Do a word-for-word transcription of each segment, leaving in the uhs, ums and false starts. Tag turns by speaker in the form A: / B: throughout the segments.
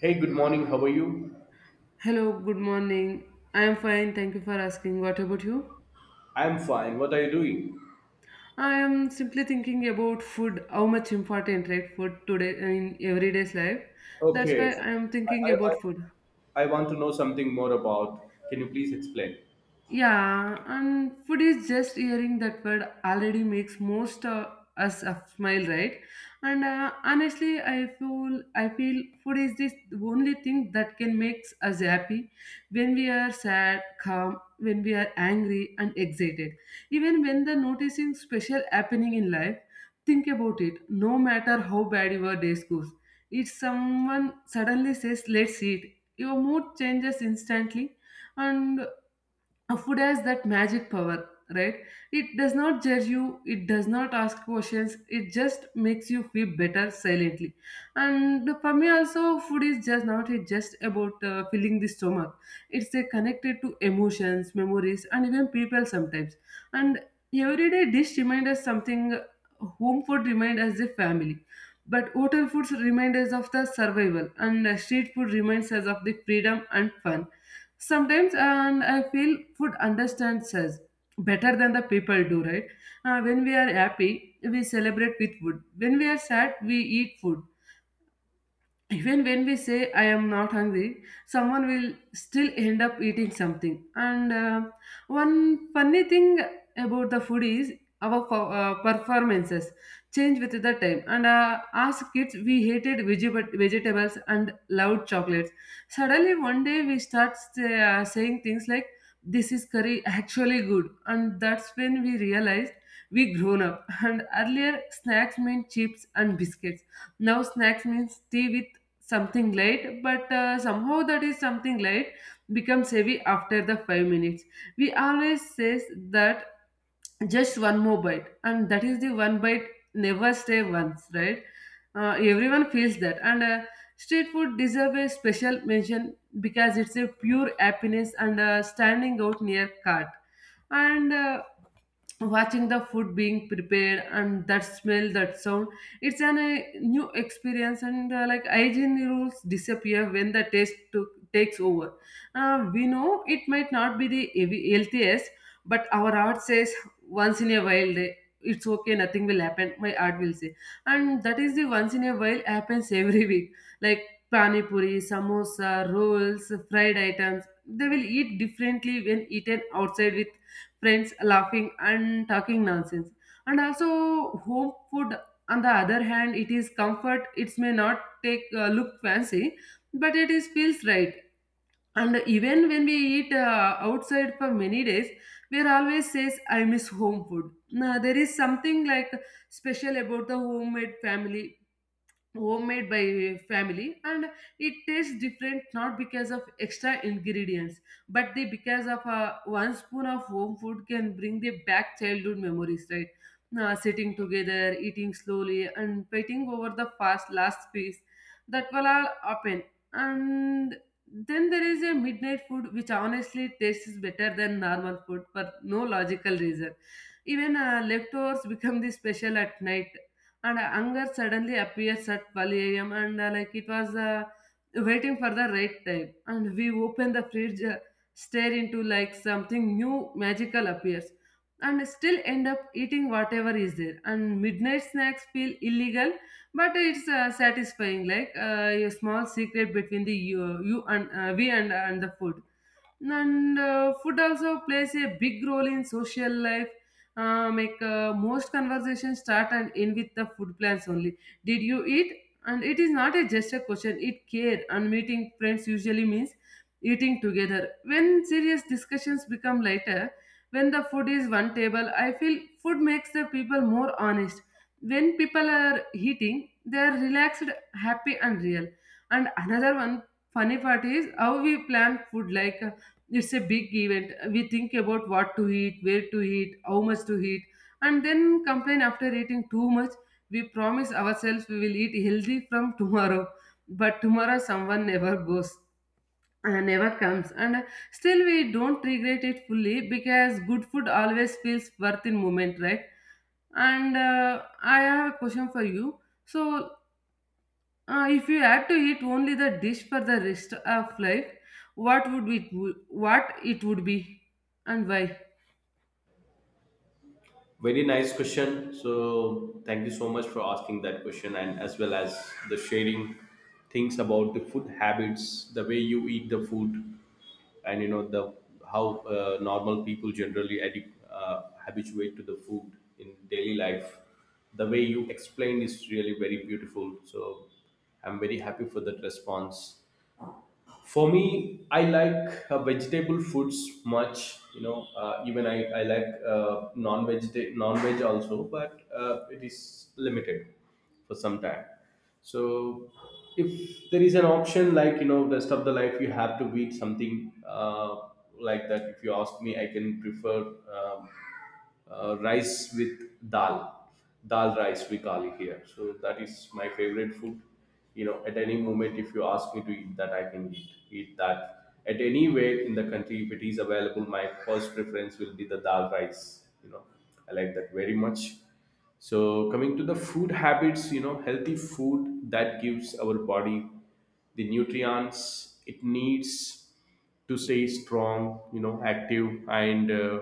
A: Hey, good morning. How are you?
B: Hello, good morning. I am fine, thank you for asking. What about you?
A: I'm fine. What are you doing?
B: I am simply thinking about food, how much important, right? Food today in everyday's life. That's why
A: Okay.
B: I am thinking
A: I, I,
B: about
A: I
B: food.
A: I want to know something more about. Can you please explain?
B: Yeah, and food is just hearing that word already makes most uh, us a smile, right? And uh, honestly, I feel I feel food is this only thing that can make us happy when we are sad, calm, when we are angry and excited. Even when the noticing special happening in life, think about it. No matter how bad your day goes, if someone suddenly says, "Let's eat," your mood changes instantly, and a food has that magic power, right? It does not judge you, it does not ask questions, it just makes you feel better silently. And for me also, food is just not, it just about uh, filling the stomach. It's uh, connected to emotions, memories, and even people sometimes. And everyday dish reminds us something. Home food reminds us the family, but hotel foods remind us of the survival, and uh, street food reminds us of the freedom and fun sometimes. And I feel food understands us better than the people do, right? Uh, when we are happy we celebrate with food, when we are sad we eat food. Even when we say I am not hungry, someone will still end up eating something. And uh, one funny thing about the food is our fo- uh, performances change with the time. And uh, as kids we hated vegeta- vegetables and loved chocolates. Suddenly one day we start say, uh, saying things like this is curry actually good, and that's when we realized we grown up. And earlier snacks meant chips and biscuits, now snacks means tea with something light, but uh, somehow that is something light becomes heavy after the 5 minutes. We always says that just one more bite, and that is the one bite never stay once, right? Uh, everyone feels that. And uh, street food deserve a special mention because it's a pure happiness. And uh, standing out near cart, and uh, watching the food being prepared, and that smell, that sound, it's an a new experience. And uh, like hygiene rules disappear when the taste took, takes over. Uh, we know it might not be the heavy- healthiest, but our heart says once in a while day it's okay, nothing will happen, my art will say. And that is the once in a while happens every week. Like pani puri, samosa, rolls, fried items, they will eat differently when eaten outside with friends, laughing and talking nonsense. And also home food on the other hand, it is comfort, it may not take uh, look fancy, but it is feels right. And even when we eat uh, outside for many days, we are always says, "I miss home food." Now, there is something like special about the homemade family, homemade by family, and it tastes different not because of extra ingredients but they because of uh, one spoon of home food can bring the back childhood memories, right? Uh, sitting together, eating slowly, and fighting over the fast last piece, that will all happen. And then there is a midnight food which honestly tastes better than normal food for no logical reason. Even uh, leftovers become the special at night. And uh, anger suddenly appears at twelve a m and uh, like it was uh, waiting for the right time. And we open the fridge, uh, stare into like something new magical appears, and still end up eating whatever is there. And midnight snacks feel illegal, but it's uh, satisfying, like uh, a small secret between the you, you and uh, we and uh, and the food. And uh, food also plays a big role in social life. Uh, make uh, most conversations start and end with the food plans only. Did you eat, and it is not a just a question, it care. And meeting friends usually means eating together, when serious discussions become lighter, when the food is one table. I feel food makes the people more honest. When people are eating they are relaxed, happy, and real. And another one funny part is how we plan food like it's a big event. We think about what to eat, where to eat, how much to eat, and then complain after eating too much. We promise ourselves we will eat healthy from tomorrow, but tomorrow someone never goes, uh, never comes. And uh, still we don't regret it fully because good food always feels worth in moment, right? And uh, I have a question for you. So uh, if you had to eat only the dish for the rest of life, what would it what it would be, and why?
A: Very nice question. So, thank you so much for asking that question, and as well as the sharing things about the food habits, the way you eat the food, and you know the how uh, normal people generally adi- uh, habituate to the food in daily life. The way you explained is really very beautiful, so I'm very happy for that response. For me, I like uh, vegetable foods much. You know, uh, even I, I like uh, non-veg non-veg also, but uh, it is limited for some time. So if there is an option like, you know, rest of the life you have to eat something uh, like that, if you ask me, I can prefer um, uh, rice with dal, dal rice we call it here. So that is my favorite food. You know, at any moment if you ask me to eat that, I can eat eat that. At any way in the country, if it is available, my first preference will be the dal rice. You know, I like that very much. So coming to the food habits, you know, healthy food that gives our body the nutrients it needs to stay strong, you know, active, and uh,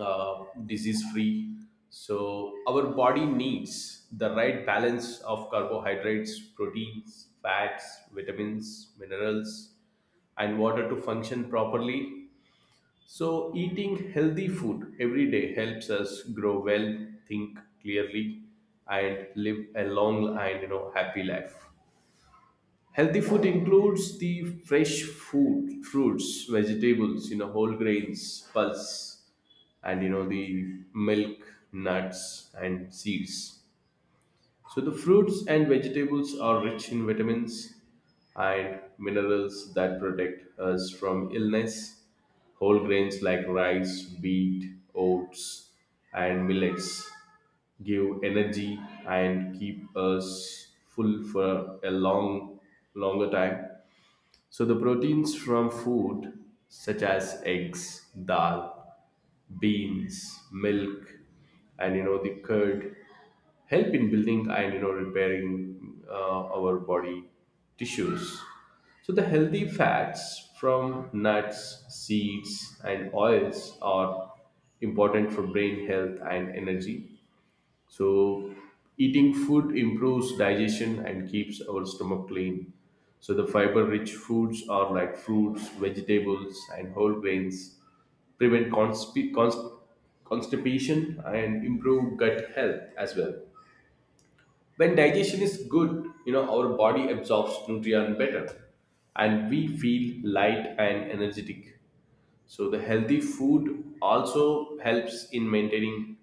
A: uh, disease free. So our body needs the right balance of carbohydrates, proteins, fats, vitamins, minerals, and water to function properly. So eating healthy food every day helps us grow well, think clearly, and live a long and, you know, happy life. Healthy food includes the fresh food, fruits, vegetables, you know, whole grains, pulse, and you know the milk, nuts, and seeds. So the fruits and vegetables are rich in vitamins and minerals that protect us from illness. Whole grains like rice, wheat, oats, and millets give energy and keep us full for a long longer time. So the proteins from food such as eggs, dal, beans, milk, and you know the curd help in building and, you know, repairing uh, our body tissues. So the healthy fats from nuts, seeds, and oils are important for brain health and energy. So, eating food improves digestion and keeps our stomach clean. So, the fiber rich foods are like fruits, vegetables, and whole grains, prevent consp- const- constipation, and improve gut health as well. When digestion is good, you know, our body absorbs nutrients better and we feel light and energetic. So the healthy food also helps in maintaining,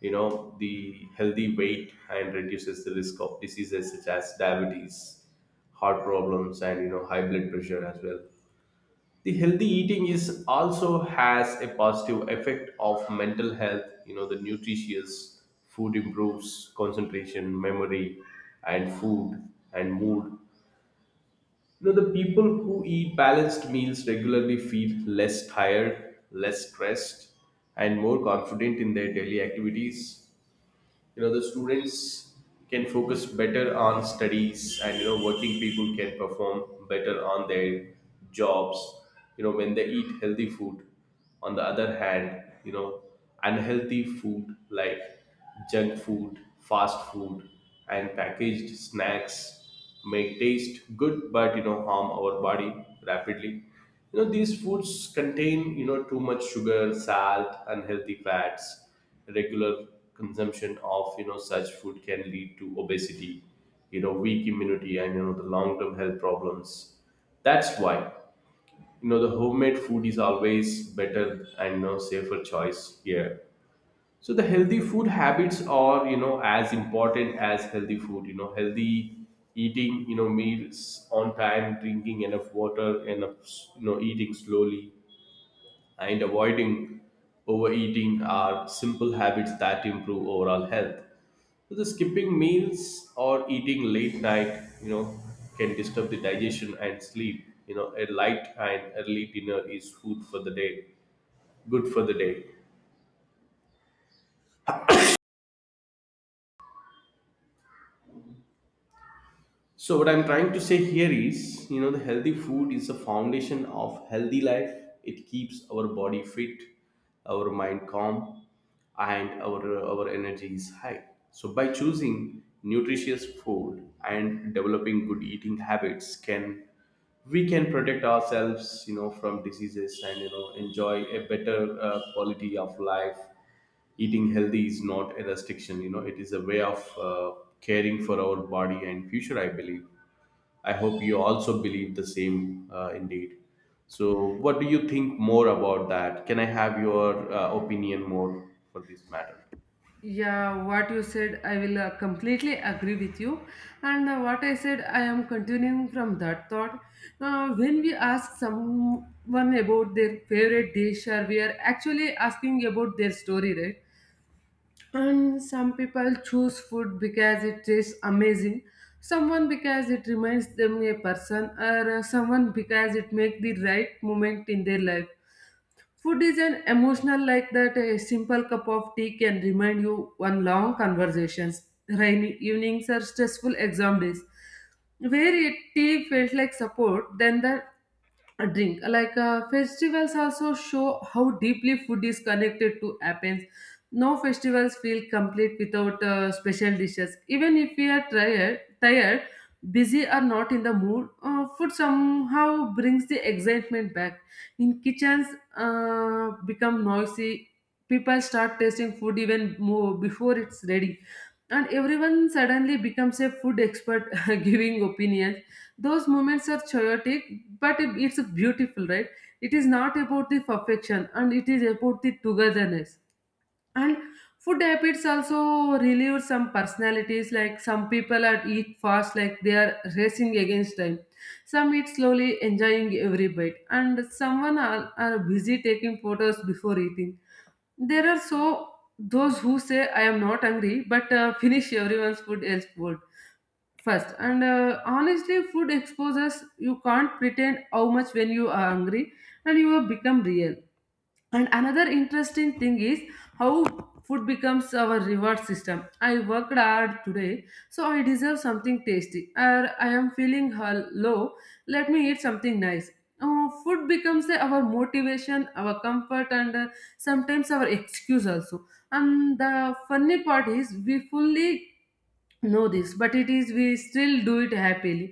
A: you know, the healthy weight and reduces the risk of diseases such as diabetes, heart problems, and you know high blood pressure as well. The healthy eating is also has a positive effect of mental health. You know, the nutritious food improves concentration, memory, and food and mood. You know, the people who eat balanced meals regularly feel less tired, less stressed, and more confident in their daily activities. You know, the students can focus better on studies, and you know working people can perform better on their jobs, you know, when they eat healthy food. On the other hand, you know, unhealthy food like junk food, fast food, and packaged snacks may taste good, but you know harm our body rapidly. You know, these foods contain, you know, too much sugar, salt, unhealthy fats. Regular consumption of, you know, such food can lead to obesity, you know, weak immunity, and you know the long term health problems. That's why, you know, the homemade food is always better and, you know, safer choice here. So the healthy food habits are, you know, as important as healthy food. You know, healthy eating, you know, meals on time, drinking enough water enough, you know, eating slowly, and avoiding overeating are simple habits that improve overall health. So the skipping meals or eating late night, you know, can disturb the digestion and sleep. You know, a light and early dinner is food for the day, good for the day. So what I'm trying to say here is, you know, the healthy food is the foundation of healthy life. It keeps our body fit, our mind calm, and our our energy is high. So by choosing nutritious food and developing good eating habits can we can protect ourselves, you know, from diseases and, you know, enjoy a better uh, quality of life. Eating healthy is not a restriction. You know, it is a way of uh, caring for our body and future, I believe. I hope you also believe the same, uh, indeed. So what do you think more about that? Can I have your uh, opinion more for this matter?
B: Yeah, what you said, I will uh, completely agree with you. And uh, what I said, I am continuing from that thought. Now, when we ask someone about their favorite dish, or we are actually asking about their story, right? And some people choose food because it tastes amazing, someone because it reminds them a person, or uh, someone because it makes the right moment in their life. Food is an emotional like that. A simple cup of tea can remind you one long conversations, rainy evenings, or stressful exam days, where it, tea felt like support. Then the a drink. Like uh, festivals also show how deeply food is connected to Athens. No festivals feel complete without uh, special dishes. Even if we are tired, tired, busy or not in the mood, uh, food somehow brings the excitement back. In kitchens uh, become noisy. People start tasting food even more before it's ready, and everyone suddenly becomes a food expert, giving opinions. Those moments are chaotic, but it- it's beautiful, right? It is not about the perfection, and it is about the togetherness. And food habits also relieve some personalities, like some people are eat fast, like they are racing against time. Some eat slowly enjoying every bite, and someone are, are busy taking photos before eating. There are so those who say I am not hungry but uh, finish everyone's food else food first. And uh, honestly food exposes, you can't pretend how much when you are hungry, and you will become real. And another interesting thing is how food becomes our reward system. I worked hard today, so I deserve something tasty, or I am feeling hul- low, let me eat something nice. Uh, food becomes uh, our motivation, our comfort, and uh, sometimes our excuse also. And the funny part is we fully know this, but it is we still do it happily.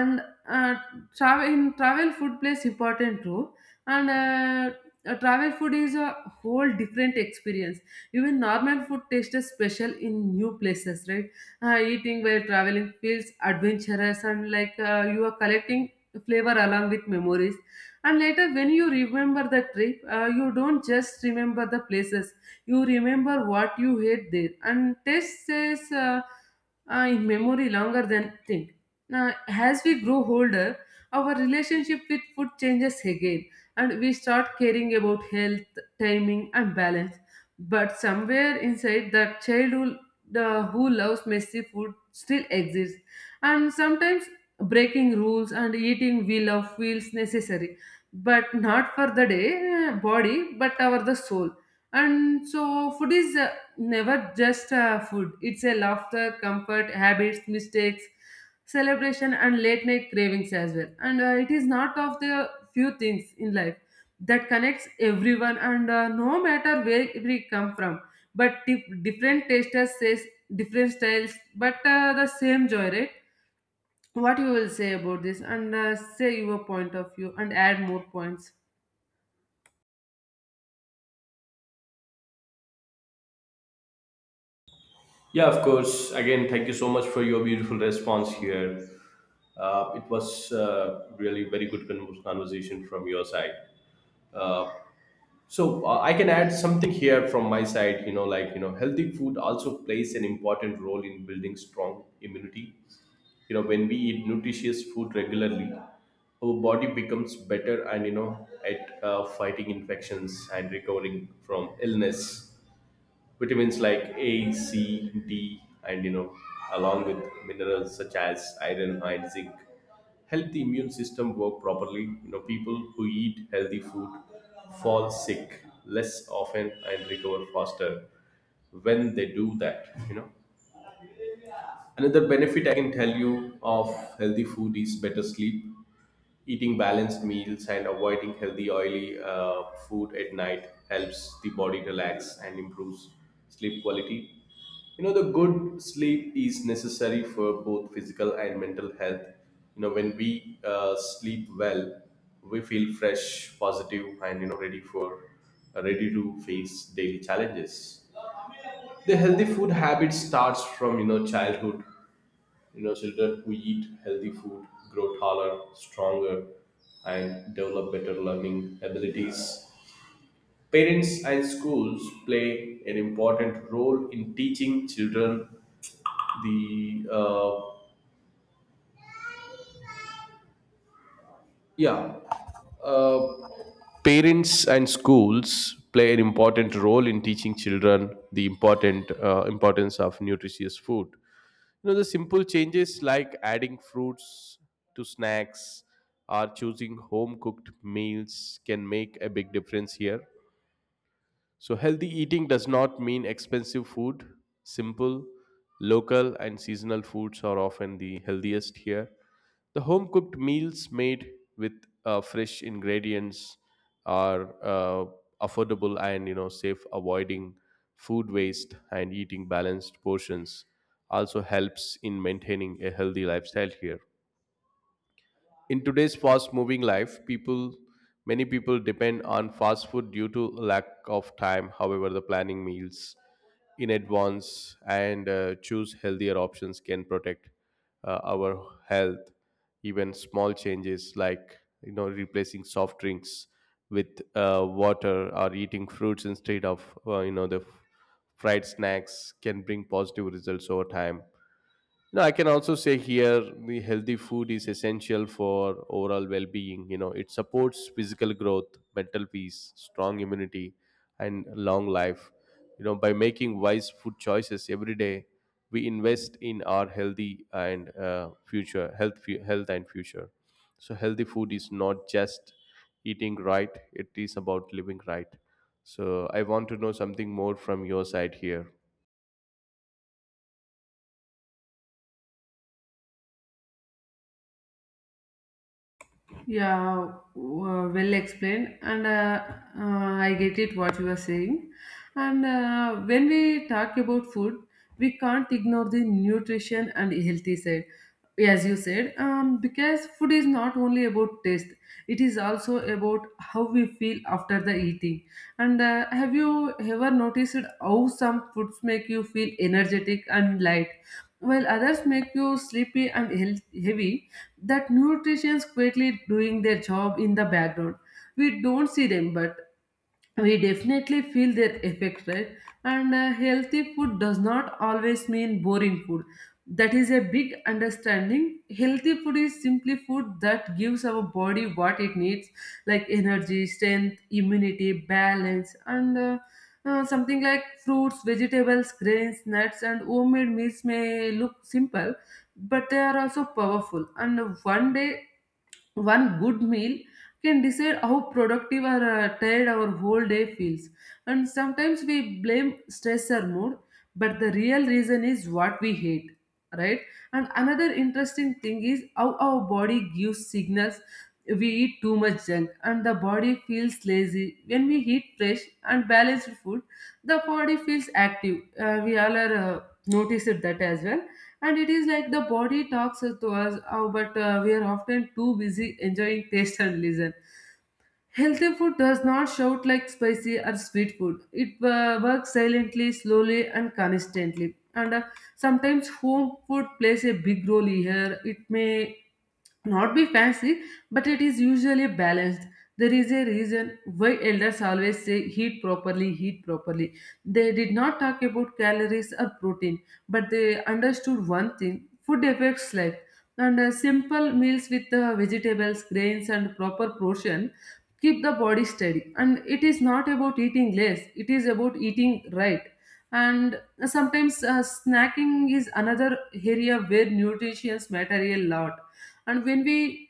B: And uh, travel in travel food plays important role. And uh, uh, travel food is a whole different experience. Even normal food tastes special in new places, right? Uh, eating while traveling feels adventurous, and like uh, you are collecting flavor along with memories. And later when you remember the trip, uh, you don't just remember the places, you remember what you ate there. And taste says uh, uh, in memory longer than think. Now, as we grow older, our relationship with food changes again, and we start caring about health, timing, and balance. But somewhere inside, the child who, the, who loves messy food still exists. And sometimes breaking rules and eating we love feels necessary, but not for the day uh, body, but our the soul. And so, food is uh, never just uh, food. It's a laughter, comfort, habits, mistakes, celebration, and late night cravings as well. And uh, it is not of the few things in life that connects everyone, and uh, no matter where we come from. But dif- different tasters says different styles, but uh, the same joy, right? What you will say about this, and uh, say your point of view, and add more points.
A: Yeah, of course, again thank you so much for your beautiful response here. Uh, it was uh, really very good con- conversation from your side. So uh, I can add something here from my side, you know, like, you know, healthy food also plays an important role in building strong immunity. You know, when we eat nutritious food regularly, our body becomes better and, you know, at uh, fighting infections and recovering from illness. Vitamins like A, C, D, and, you know, along with minerals such as iron and zinc, help the immune system work properly. You know, people who eat healthy food fall sick less often and recover faster when they do that. You know, another benefit I can tell you of healthy food is better sleep. Eating balanced meals and avoiding healthy, oily uh, food at night helps the body relax and improves sleep quality. You know, the good sleep is necessary for both physical and mental health. You know, when we uh, sleep well, we feel fresh, positive, and, you know, ready for uh, ready to face daily challenges. The healthy food habit starts from, you know, childhood. You know, children who eat healthy food grow taller, stronger, and develop better learning abilities. Parents and schools play an important role in teaching children the uh, yeah uh, parents and schools play an important role in teaching children the important uh, importance of nutritious food. You know, the simple changes like adding fruits to snacks or choosing home cooked meals can make a big difference here. So, healthy eating does not mean expensive food. Simple, local, and seasonal foods are often the healthiest here. The home cooked meals made with uh, fresh ingredients are uh, affordable and, you know, safe. Avoiding food waste and eating balanced portions also helps in maintaining a healthy lifestyle here. In today's fast-moving life, people many people depend on fast food due to lack of time. However, the planning meals in advance and uh, choose healthier options can protect uh, our health. Even small changes like, you know, replacing soft drinks with uh, water or eating fruits instead of, uh, you know, the f- fried snacks can bring positive results over time. No, I can also say here the healthy food is essential for overall well being. You know, it supports physical growth, mental peace, strong immunity, and long life. You know, by making wise food choices every day, we invest in our healthy and uh, future health, fu- health and future. So, healthy food is not just eating right; it is about living right. So, I want to know something more from your side here.
B: Yeah, w- well explained, and uh, uh, I get it what you are saying. And uh, when we talk about food, we can't ignore the nutrition and healthy side, as you said, um, because food is not only about taste; it is also about how we feel after the eating. And uh, have you ever noticed how some foods make you feel energetic and light, while others make you sleepy and health- heavy? That nutrition's quietly doing their job in the background. We don't see them, but we definitely feel their effects, right? And uh, healthy food does not always mean boring food. That is a big understanding. Healthy food is simply food that gives our body what it needs, like energy, strength, immunity, balance, and uh, uh, something like fruits, vegetables, grains, nuts, and homemade meals may look simple, but they are also powerful. And one day, one good meal can decide how productive or uh, tired our whole day feels. And sometimes we blame stress or mood, but the real reason is what we hate, right? And another interesting thing is how our body gives signals. We eat too much junk and the body feels lazy. When we eat fresh and balanced food, the body feels active. Uh, we all are uh, noticed that as well. And it is like the body talks to us, uh, but uh, we are often too busy enjoying taste and listen. Healthy food does not shout like spicy or sweet food. It uh, works silently, slowly, and consistently. And uh, Sometimes home food plays a big role here. It may not be fancy, but it is usually balanced. There is a reason why elders always say heat properly, heat properly. They did not talk about calories or protein, but they understood one thing: food affects life. And uh, Simple meals with uh, vegetables, grains, and proper portion keep the body steady, and it is not about eating less, it is about eating right. And sometimes uh, snacking is another area where nutrition matter a lot. And when we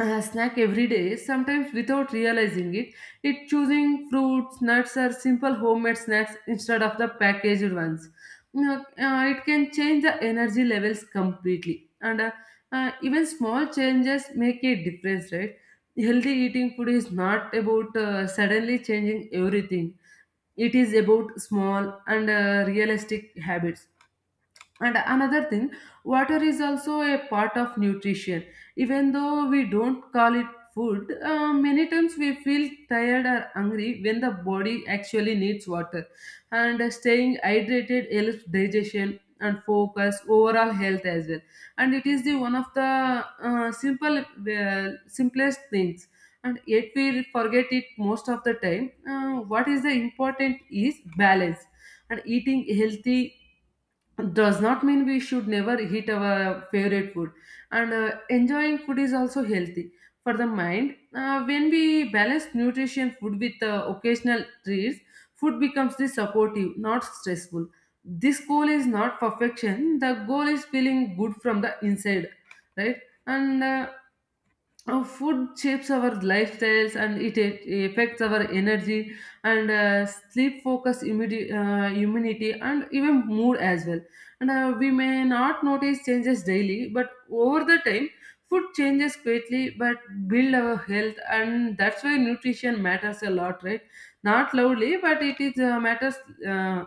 B: uh, snack every day, sometimes without realizing it. It choosing fruits, nuts, or simple homemade snacks instead of the packaged ones. You know, uh, it can change the energy levels completely, and uh, uh, even small changes make a difference, right? Healthy eating food is not about uh, suddenly changing everything. It is about small and uh, realistic habits. And another thing, water is also a part of nutrition, even though we don't call it food. Uh, many times we feel tired or hungry when the body actually needs water. And uh, staying hydrated helps digestion and focus overall health as well. And it is the one of the uh, simple uh, simplest things, and yet we forget it most of the time. Uh, what is the important is balance. And eating healthy does not mean we should never eat our favorite food. And uh, enjoying food is also healthy for the mind. Uh, when we balance nutrition food with uh, occasional treats, food becomes the supportive, not stressful. This goal is not perfection. The goal is feeling good from the inside, right? And uh, oh, food shapes our lifestyles, and it a- affects our energy and uh, sleep, focus, immunity, uh, immunity, and even mood as well. And uh, we may not notice changes daily, but over the time, food changes quickly but build our health, and that's why nutrition matters a lot, right? Not loudly, but it is uh, matters. uh,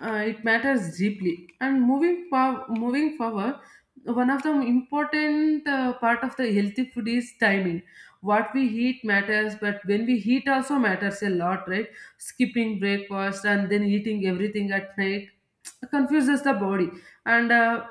B: uh, it matters deeply. And moving for, moving forward, one of the important uh, part of the healthy food is timing. What we eat matters, but when we eat also matters a lot, right? Skipping breakfast and then eating everything at night confuses the body. And uh,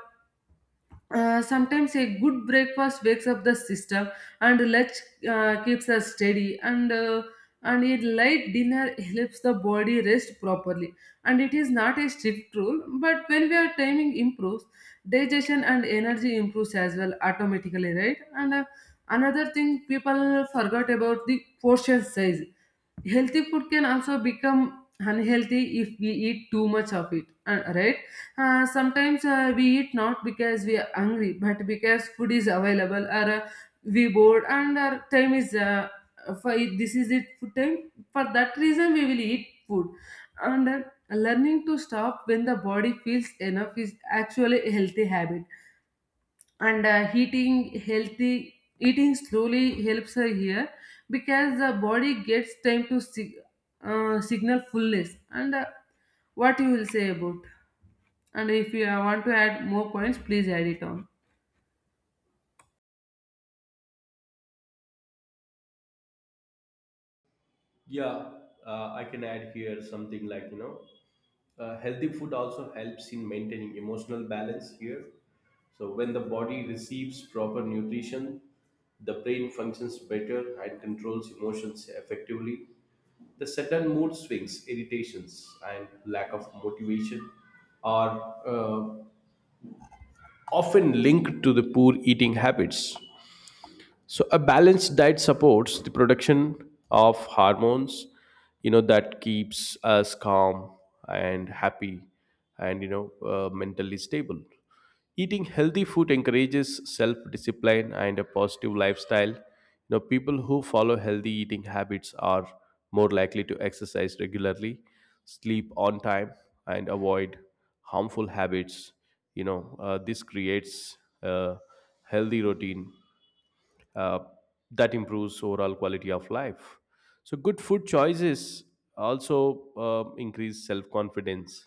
B: uh, Sometimes a good breakfast wakes up the system, and lunch uh, keeps us steady, and uh, and a light dinner helps the body rest properly. And it is not a strict rule, but when we are timing improves, digestion and energy improves as well automatically, right? And uh, another thing, people forgot about the portion size. Healthy food can also become unhealthy if we eat too much of it, uh, right. Uh, sometimes uh, we eat not because we are hungry, but because food is available, or uh, we bored and our time is uh, for. This is it food time, for that reason we will eat food. And uh, learning to stop when the body feels enough is actually a healthy habit. And uh, eating healthy eating slowly helps her here, because the body gets time to sig- uh, signal fullness, and uh, what you will say about. And if you uh, want to add more points, please add it on.
A: Yeah, uh, I can add here something like, you know, uh, healthy food also helps in maintaining emotional balance here. So, when the body receives proper nutrition, the brain functions better and controls emotions effectively. The sudden mood swings, irritations, and lack of motivation are uh, often linked to the poor eating habits. So a balanced diet supports the production of hormones, you know, that keeps us calm and happy, and, you know, uh, mentally stable. Eating healthy food encourages self-discipline and a positive lifestyle. You know, people who follow healthy eating habits are more likely to exercise regularly, sleep on time, and avoid harmful habits. You know, uh, this creates a healthy routine uh, that improves overall quality of life. So, good food choices also uh, increase self confidence,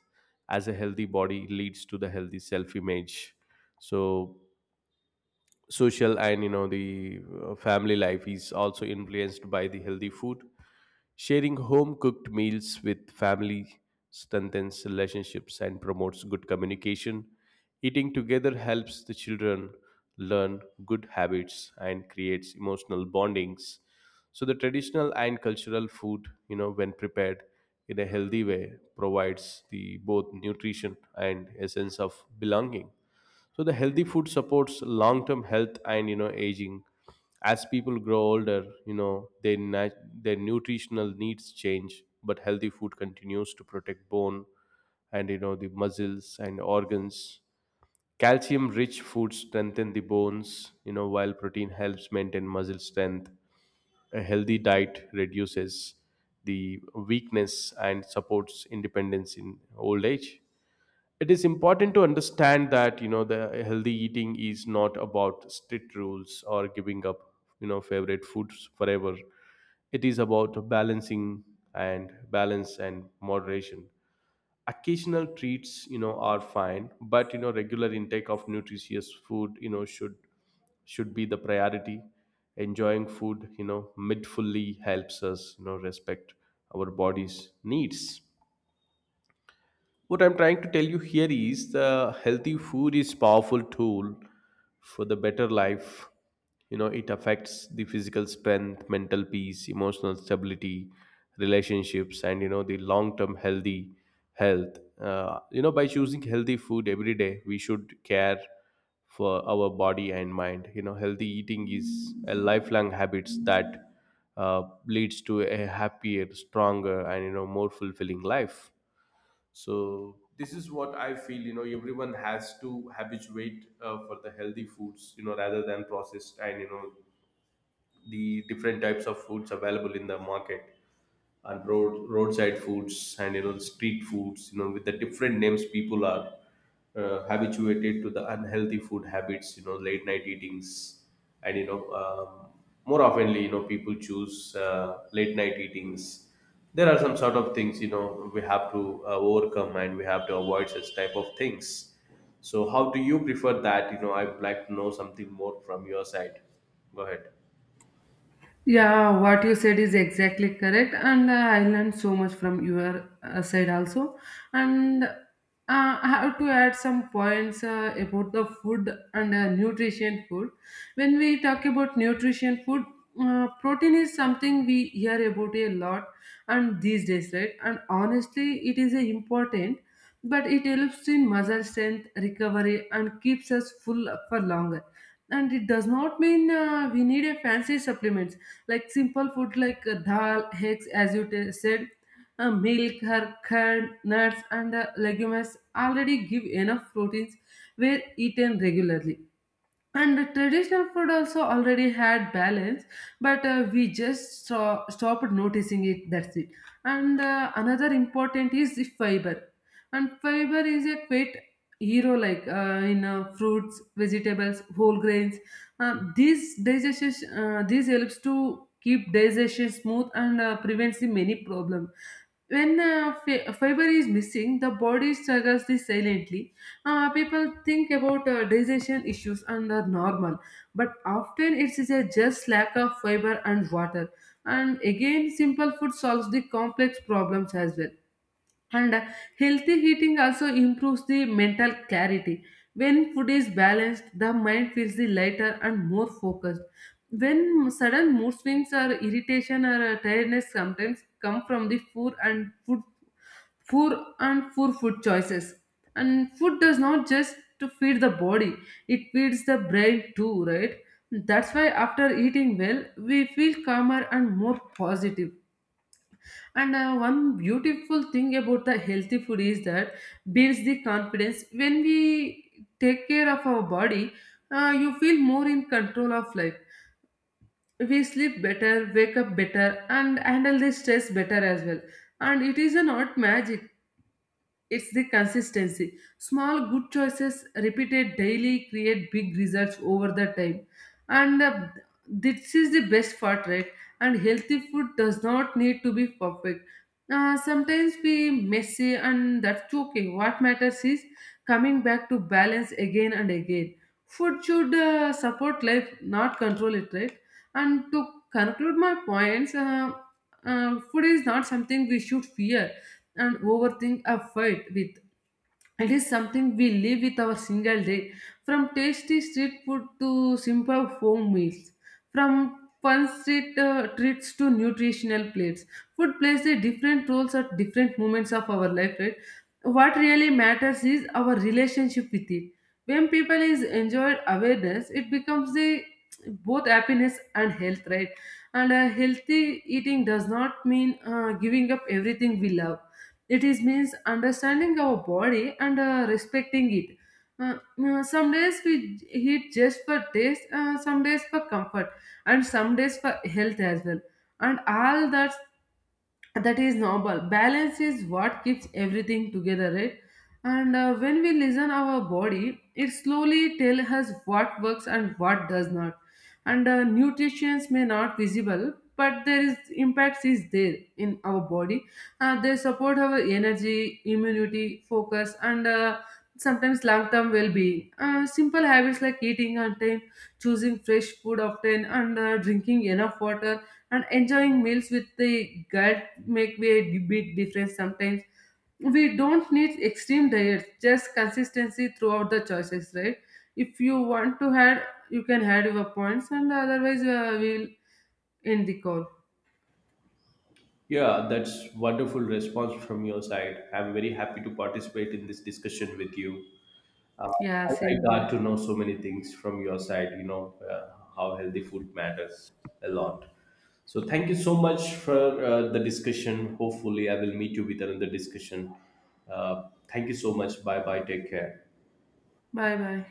A: as a healthy body leads to the healthy self image. So, social and you know the uh, family life is also influenced by the healthy food. Sharing home cooked meals with family strengthens relationships and promotes good communication. Eating together helps the children learn good habits and creates emotional bondings. So the traditional and cultural food, you know, when prepared in a healthy way, provides the both nutrition and a sense of belonging. So the healthy food supports long-term health and, you know, aging. As people grow older, you know their nat- their nutritional needs change, but healthy food continues to protect bone and, you know, the muscles and organs. Calcium-rich foods strengthen the bones, you know, while protein helps maintain muscle strength. A healthy diet reduces the weakness and supports independence in old age. It is important to understand that, you know, the healthy eating is not about strict rules or giving up, you know, favorite foods forever. It is about balancing and balance and moderation. Occasional treats, you know, are fine, but you know regular intake of nutritious food, you know, should should be the priority. Enjoying food, you know, mindfully helps us, you know, respect our body's needs. What I'm trying to tell you here is the healthy food is powerful tool for the better life. You know, it affects the physical strength, mental peace, emotional stability, relationships, and you know the long-term healthy health. Uh, you know, by choosing healthy food every day, we should care for our body and mind. You know, healthy eating is a lifelong habits that uh, leads to a happier, stronger, and, you know, more fulfilling life. So this is what I feel. You know, everyone has to habituate uh, for the healthy foods, you know, rather than processed and, you know, the different types of foods available in the market and road roadside foods and, you know, street foods, you know, with the different names. People are uh, habituated to the unhealthy food habits, you know, late night eatings, and you know um, more oftenly, you know, people choose uh, late night eatings. There are some sort of things, you know, we have to uh, overcome and we have to avoid such type of things. So how do you prefer that? You know, I would like to know something more from your side. Go ahead.
B: Yeah, what you said is exactly correct, and uh, I learned so much from your uh, side also. And uh, I have to add some points uh, about the food and uh, nutrition food. When we talk about nutrition food, uh, protein is something we hear about a lot, and these days, right? And honestly, it is a important, but it helps in muscle strength, recovery, and keeps us full for longer. And it does not mean uh, we need a fancy supplements, like simple food like uh, dal, eggs, as you t- said, uh, milk, her curd, nuts, and uh, legumes already give enough proteins where eaten regularly. And the traditional food also already had balance, but uh, we just saw, stopped noticing it, that's it. And uh, another important is the fiber. And fiber is a great hero, like uh, in uh, fruits, vegetables, whole grains. Uh, these digestion uh, these helps to keep digestion smooth and uh, prevents the many problem. When uh, fi- fiber is missing, the body struggles this silently. Uh, people think about uh, digestion issues and are normal, but often it is a just lack of fiber and water. And again, simple food solves the complex problems as well. And uh, Healthy eating also improves the mental clarity. When food is balanced, the mind feels the lighter and more focused. When sudden mood swings or irritation or uh, tiredness sometimes come from the poor and food poor and poor food choices. And food does not just to feed the body, it feeds the brain too, right? That's why after eating well, we feel calmer and more positive. And uh, One beautiful thing about the healthy food is that builds the confidence. When we take care of our body, uh, you feel more in control of life. We sleep better, wake up better, and handle the stress better as well. And it is a not magic. It's the consistency. Small good choices repeated daily create big results over the time. And uh, This is the best part, right? And healthy food does not need to be perfect. Uh, sometimes we messy, and that's okay. What matters is coming back to balance again and again. Food should uh, support life, not control it, right? And to conclude my points, uh, uh, food is not something we should fear and overthink a fight with. It is something we live with our single day, from tasty street food to simple home meals, from fun street uh, treats to nutritional plates. Food plays a different roles at different moments of our life, right? What really matters is our relationship with it. When people is enjoyed awareness, it becomes a both happiness and health, right? And uh, Healthy eating does not mean uh, giving up everything we love. It is means understanding our body and uh, respecting it. Uh, uh, some days we j- Eat just for taste, uh, some days for comfort, and some days for health as well. And all that, that is normal. Balance is what keeps everything together, right? And uh, when we listen our body, it slowly tell us what works and what does not. And uh, nutrition may not visible, but there is impacts is there in our body. Uh, they support our energy, immunity, focus, and uh, sometimes long-term well-being. Uh, simple habits like eating on time, choosing fresh food often, and uh, drinking enough water, and enjoying meals with the gut make a di- big difference. Sometimes we don't need extreme diets, just consistency throughout the choices, right? If you want to add, you can add your points, and otherwise uh, we'll end the call.
A: Yeah, that's wonderful response from your side. I'm very happy to participate in this discussion with you. Uh,
B: Yeah,
A: I,
B: same
A: I got
B: here.
A: to know so many things from your side, you know, uh, how healthy food matters a lot. So thank you so much for uh, the discussion. Hopefully, I will meet you with another discussion. Uh, Thank you so much. Bye bye. Take care.
B: Bye bye.